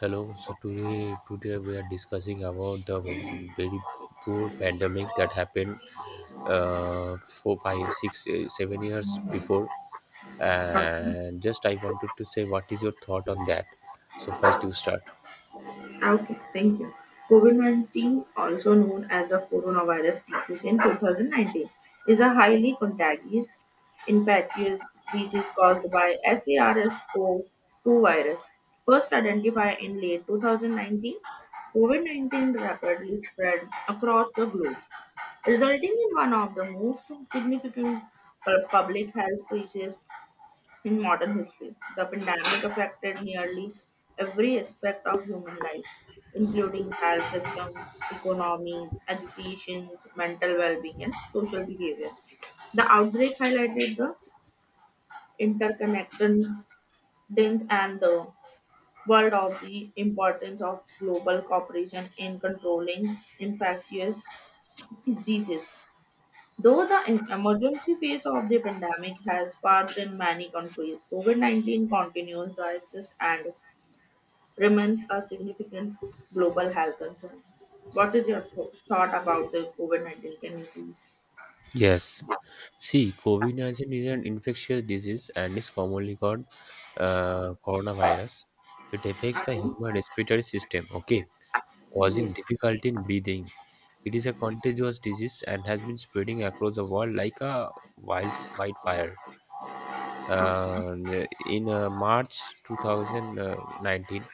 Hello. So today we are discussing about the very poor pandemic that happened four, five, six, eh, 7 years before. And just I wanted to say, what is your thought on that? So first, you start. Okay, thank you. COVID-19, also known as the coronavirus disease in 2019, is a highly contagious, infectious disease caused by SARS-CoV-2 virus, first identified in late 2019. COVID-19 rapidly spread across the globe, resulting in one of the most significant public health crises in modern history. The pandemic affected nearly every aspect of human life, including health systems, economies, education, mental well being, and social behavior. The outbreak highlighted the interconnectedness and the world of the importance of global cooperation in controlling infectious diseases. Though the emergency phase of the pandemic has passed in many countries, COVID 19 continues to exist and remains a significant global health concern. What is your thought about the COVID 19? Can you please? Yes. See, COVID 19 is an infectious disease and is commonly called coronavirus. It affects the Okay. human respiratory system. Okay. Causing Yes. difficulty in breathing. It is a contagious disease and has been spreading across the world like a wildfire. Okay. Uh, in March 2019,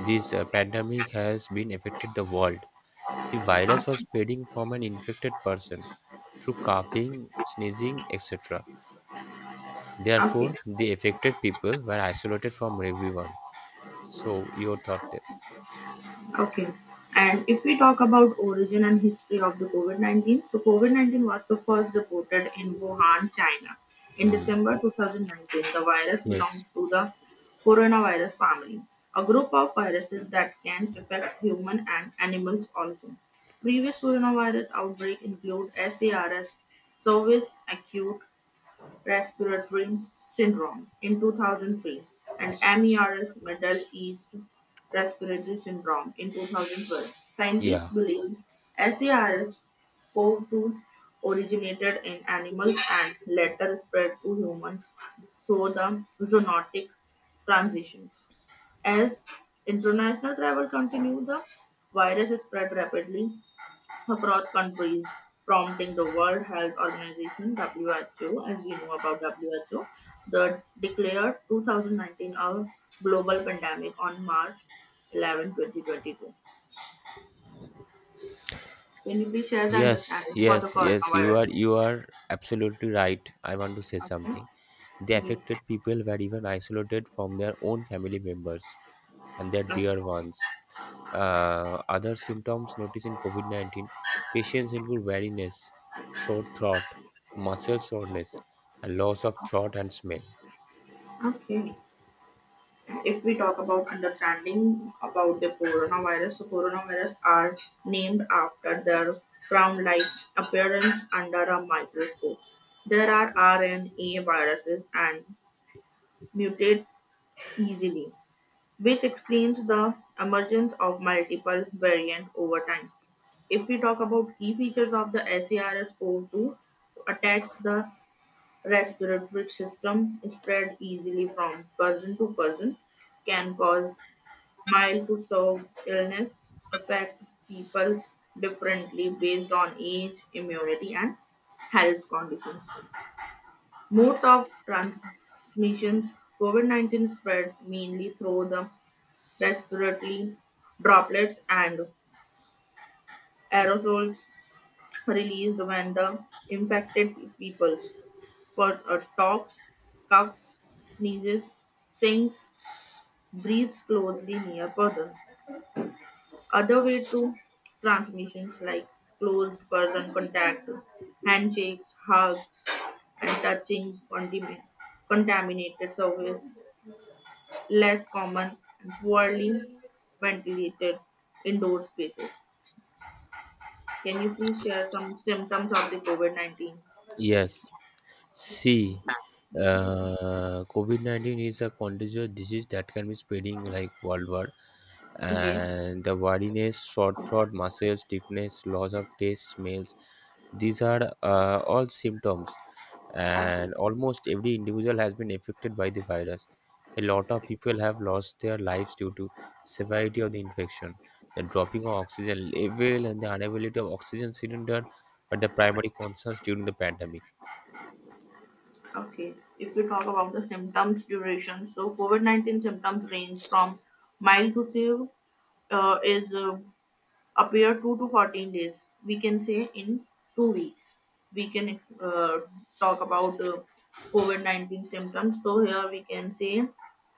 this pandemic has been affected the world. The virus was Okay. spreading from an infected person through coughing, sneezing, etc. Okay. Therefore, the affected people were isolated from everyone. So, your thought there? Okay. And if we talk about origin and history of the COVID-19, so COVID-19 was the first reported in Wuhan, China. In Hmm. December 2019, the virus Yes. belongs to the coronavirus family, a group of viruses that can affect human and animals also. Previous coronavirus outbreak include SARS, service acute respiratory syndrome in 2003, and MERS Middle East respiratory syndrome in 2012. Scientists Yeah. believe SARS CoV 2 originated in animals and later spread to humans through the zoonotic transitions. As international travel continued, the virus spread rapidly across countries, prompting the World Health Organization (WHO), as we know about WHO, the declared 2019 a global pandemic on March 11, 2022. Can you please share the Yes, understanding for the yes, yes. You coronavirus? are you are absolutely right. I want to say Okay. something. The affected people were even isolated from their own family members and their Okay. dear ones. Other symptoms noticed in COVID 19 patients include weariness, short throat, muscle soreness, and loss of throat and smell. Okay. If we talk about understanding about the coronavirus, so coronavirus are named after their crown-like appearance under a microscope. There are RNA viruses and mutate easily, which explains the emergence of multiple variants over time. If we talk about key features of the SARS-CoV-2, so attacks the respiratory system, spread easily from person to person, can cause mild to severe illness, affects people differently based on age, immunity, and health conditions. Modes of transmissions COVID 19 spreads mainly through the respiratory droplets and aerosols released when the infected people's talks, coughs, sneezes, sings, breathes closely near persons. Other way to transmissions like close person contact, handshakes, hugs, and touching contaminated surface, less common and poorly ventilated indoor spaces. Can you please share some symptoms of the COVID 19? Yes, see, COVID 19 is a contagious disease that can be spreading like worldwide Yes. and the wariness, short throat, muscle stiffness, loss of taste, smells. These are all symptoms, Okay. and almost every individual has been affected by the virus. A lot of people have lost their lives due to severity of the infection, the dropping of oxygen level, and the unavailability of oxygen cylinder are the primary concerns during the pandemic. Okay, if we talk about the symptoms duration, so COVID 19 symptoms range from mild to severe, is appear 2 to 14 days we can say, in 2 weeks we can talk about COVID-19 symptoms, so here we can say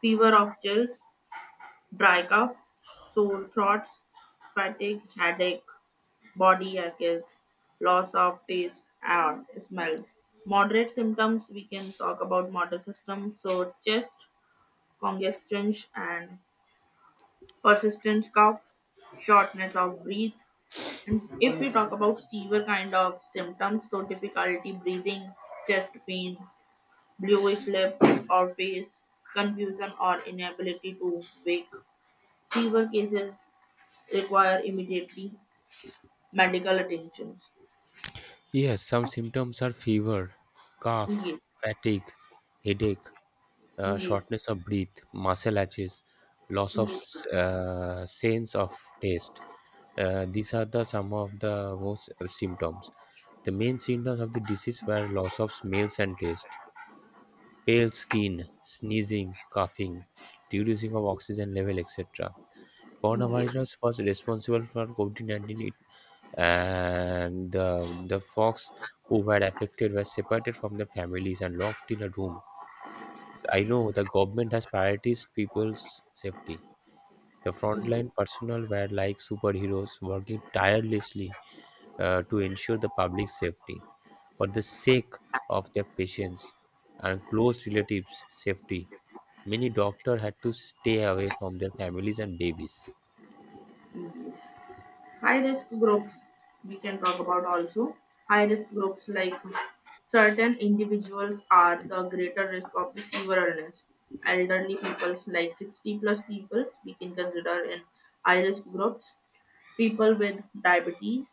fever of chills, dry cough, sore throats, fatigue, headache, body aches, loss of taste and smell. Moderate symptoms we can talk about motor system, so chest congestion and persistent cough, shortness of breath. And if we talk about severe kind of symptoms, so difficulty breathing, chest pain, bluish lips or face, confusion or inability to wake, severe cases require immediately medical attention. Yes, some symptoms are fever, cough, Yes, fatigue, headache, yes, shortness of breath, muscle atches, loss of yes, s- uh, sense of taste. These are the some of the most symptoms. The main symptoms of the disease were loss of smells and taste, pale skin, sneezing, coughing, reducing of oxygen level, etc. yes, Coronavirus was responsible for COVID 19, and the fox who were affected were separated from their families and locked in a room. I know the government has prioritized people's safety. The yes. frontline personnel were like superheroes working tirelessly to ensure the public safety. For the sake of their patients and close relatives' safety, many doctors had to stay away from their families and babies. Yes. High risk groups we can talk about also. High risk groups like certain individuals are the greater risk of the severe illness. Elderly peoples like 60 plus people we can consider in high risk groups. People with diabetes,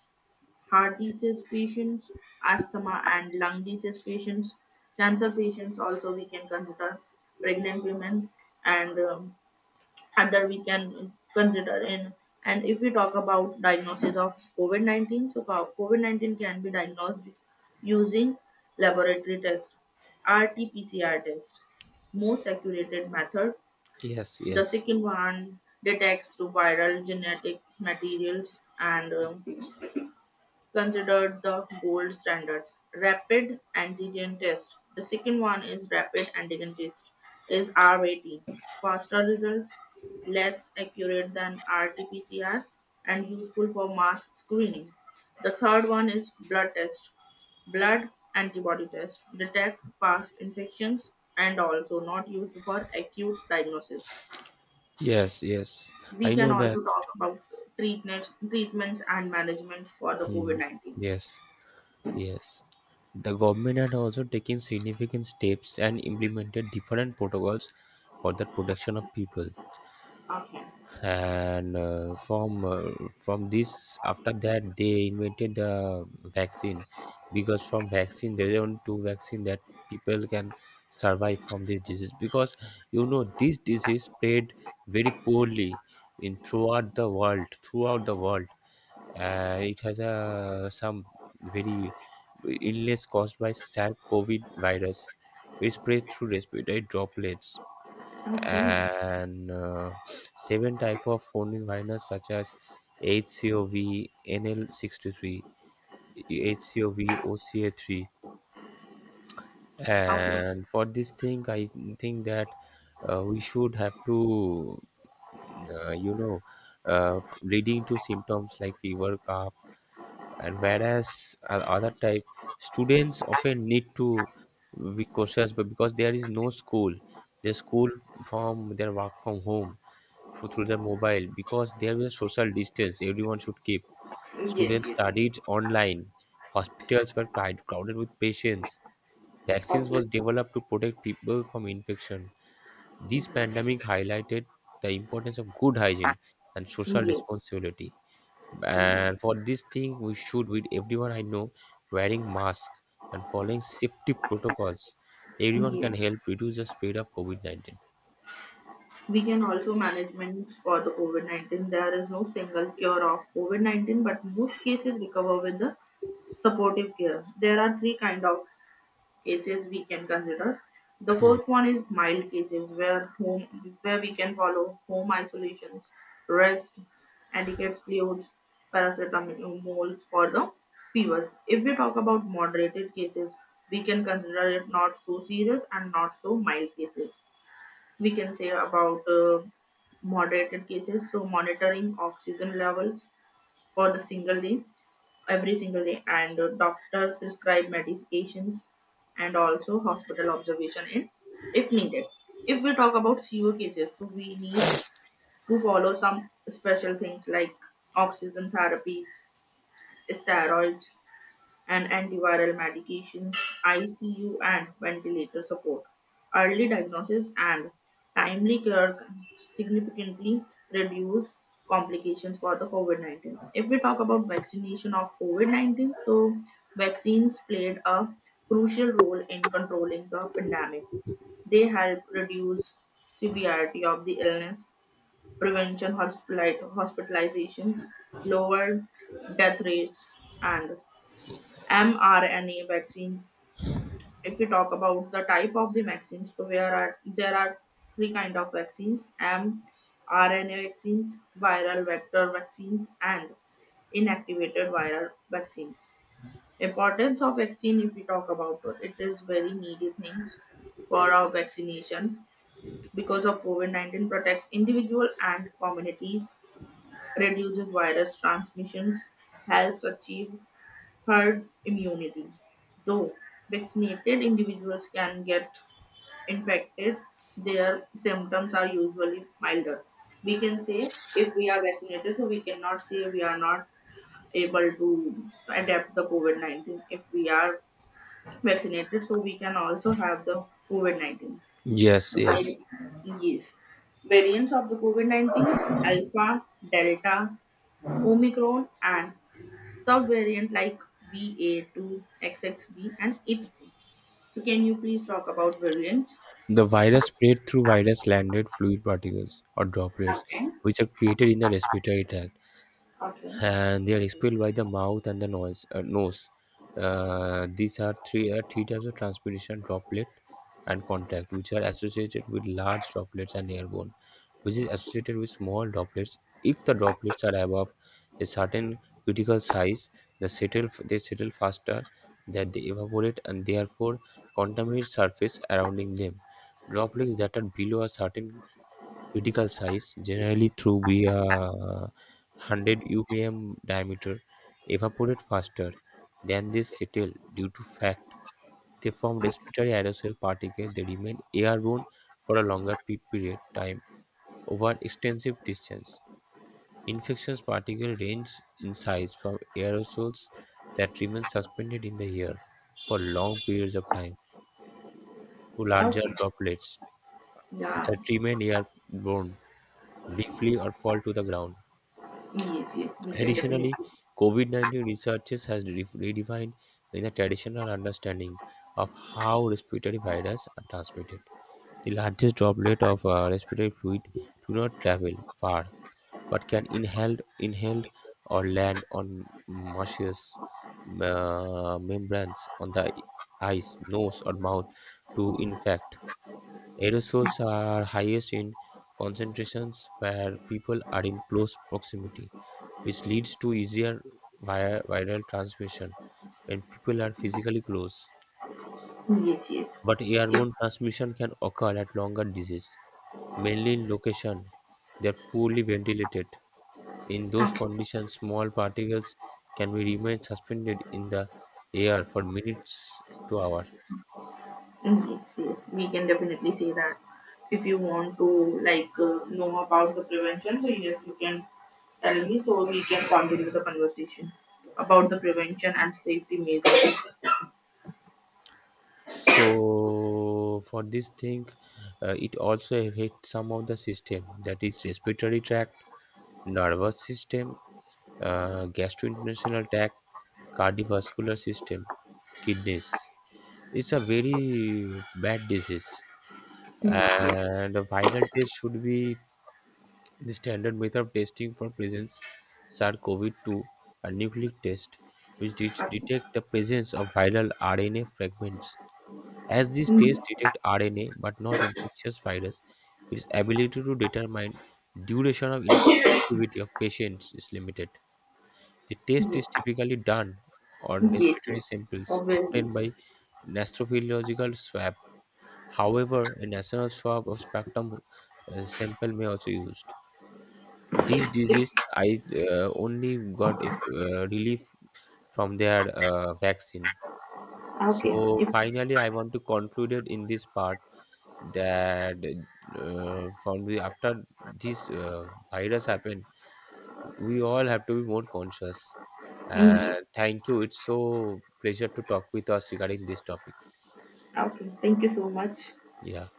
heart disease patients, asthma and lung disease patients, cancer patients also we can consider, pregnant women and other we can consider in. And if we talk about diagnosis of COVID-19, so COVID-19 can be diagnosed using laboratory test, rt-pcr test, most accurate method, Yes, the yes, second one detects to viral genetic materials and considered the gold standards. Rapid antigen test. The second one is rapid antigen test, is RAT. Faster results, less accurate than RT-PCR, and useful for mass screening. The third one is blood test, blood antibody test. Detect past infections and also not used for acute diagnosis. yes. We I can know that. also talk about treatments and managements for the Hmm. COVID-19. Yes. Yes, the government had also taken significant steps and implemented different protocols for the protection of people. Okay. And from this, after that, they invented the vaccine because from vaccine they don't do vaccine that people can survive from this disease because you know this disease spread very poorly in throughout the world and it has a some very illness caused by SARS COVID virus, which spread through respiratory droplets Okay. and seven type of coronavirus such as HCOV, NL63, HCOV, OCA3, Okay. and for this thing, I think that we should have to, you know, leading to symptoms like fever, cough, and whereas other type students often need to be cautious but because there is no school they school from their work from home through their mobile because there is a social distance everyone should keep, Yes, students yes. studied online, hospitals were crowded with patients, vaccines was Obvious. developed to protect people from infection. This pandemic Mhm. highlighted the importance of good hygiene and social Yes. responsibility, Yes. and for this thing we should with everyone I know wearing mask and following safety protocols everyone Yes. can help reduce the spread of covid-19. We can also management for the COVID-19. There is no single cure of COVID-19, but most cases recover with the supportive care. There are three kind of cases we can consider. The Mm. first one is mild cases where we can follow home isolations, rest, etiquette fluids, paracetamol for the fevers. If we talk about moderated cases, we can consider it not so serious and not so mild cases. We can say about moderated cases, so monitoring oxygen levels for the single day, every single day, and doctor prescribe medications and also hospital observation in if needed. If we talk about co cases, so we need to follow some special things like oxygen therapies, steroids, and antiviral medications, ICU, and ventilator support. Early diagnosis and timely care can significantly reduce complications for the COVID 19. If we talk about vaccination of COVID 19, so vaccines played a crucial role in controlling the pandemic. They help reduce severity of the illness, prevention hospitalizations, lower death rates, and mRNA vaccines. If we talk about the type of the vaccines, so there are three kind of vaccines: mRNA vaccines, viral vector vaccines, and inactivated viral vaccines. Importance of vaccine, if we talk about it, it is very needy things for our vaccination because of COVID-19 protects individual and communities, reduces virus transmissions, helps achieve herd immunity. Though vaccinated individuals can get infected, their symptoms are usually milder. We can say if we are vaccinated, so we cannot say we are not able to adapt the COVID 19. If we are vaccinated, so we can also have the COVID 19. Yes, yes, Okay. Yes. Variants of the COVID 19s Alpha, Delta, Omicron, and subvariant like BA2, XXB, and etc. So, can you please talk about variants? the virus spread through virus landed fluid particles or droplets Okay. which are created in the respiratory tract Okay. and they are expelled by the mouth and the nose. These are three types of transpiration: droplet and contact, which are associated with large droplets and airborne, which is associated with small droplets. If the droplets are above a certain critical size, they settle faster, that they evaporate and therefore contaminate surface surrounding them. Droplets that are below a certain critical size generally through be 100 UPM diameter evaporate faster than they settle due to fact they form respiratory aerosol particles, they remain airborne for a longer period time over extensive distance. Infectious particles range in size from aerosols that remain suspended in the air for long periods of time to larger Okay. droplets Yeah. that remain airborne briefly or fall to the ground. Yes, yes. We can definitely. Additionally, COVID 19 researches has redefined the traditional understanding of how respiratory viruses are transmitted. The largest droplet of respiratory fluid do not travel far but can inhaled or land on mucous membranes on the eyes, nose, or mouth to infect. Aerosols are highest in concentrations where people are in close proximity, which leads to easier via viral transmission when people are physically close. Yes, yes. But If airborne transmission can occur at longer disease, mainly in location they are poorly ventilated. In those okay. conditions, small particles can be remain suspended in the air for minutes to hour. Yes, yes. We can definitely say that. If you want to like know about the prevention, so yes, you can tell me so we can continue the conversation about the prevention and safety measures. So for this thing, it also affects some of the system that is respiratory tract, nervous system, gastrointestinal tract, cardiovascular system, kidneys. It's a very bad disease. Yes. And a viral test should be the standard method of testing for presence SARS-CoV-2, a nucleic test which Okay. detect the presence of viral RNA fragments. As these tests Yes. detect RNA but not infectious virus, its ability to determine duration of infectivity of patients is limited. The taste Yes. is typically done on Yes. respiratory Yes. samples Obviously. obtained by nasopharyngeal swab. However, a nasal swab of spectrum sample may also used. These Yes. disease I only got if, relief from their vaccine. Okay. So If, finally, I want to conclude it in this part that from the after this virus happened, we all have to be more conscious. Uh, mm, Yes. thank you. It's so pleasure to talk with us regarding this topic. Okay. Thank you so much. Yeah.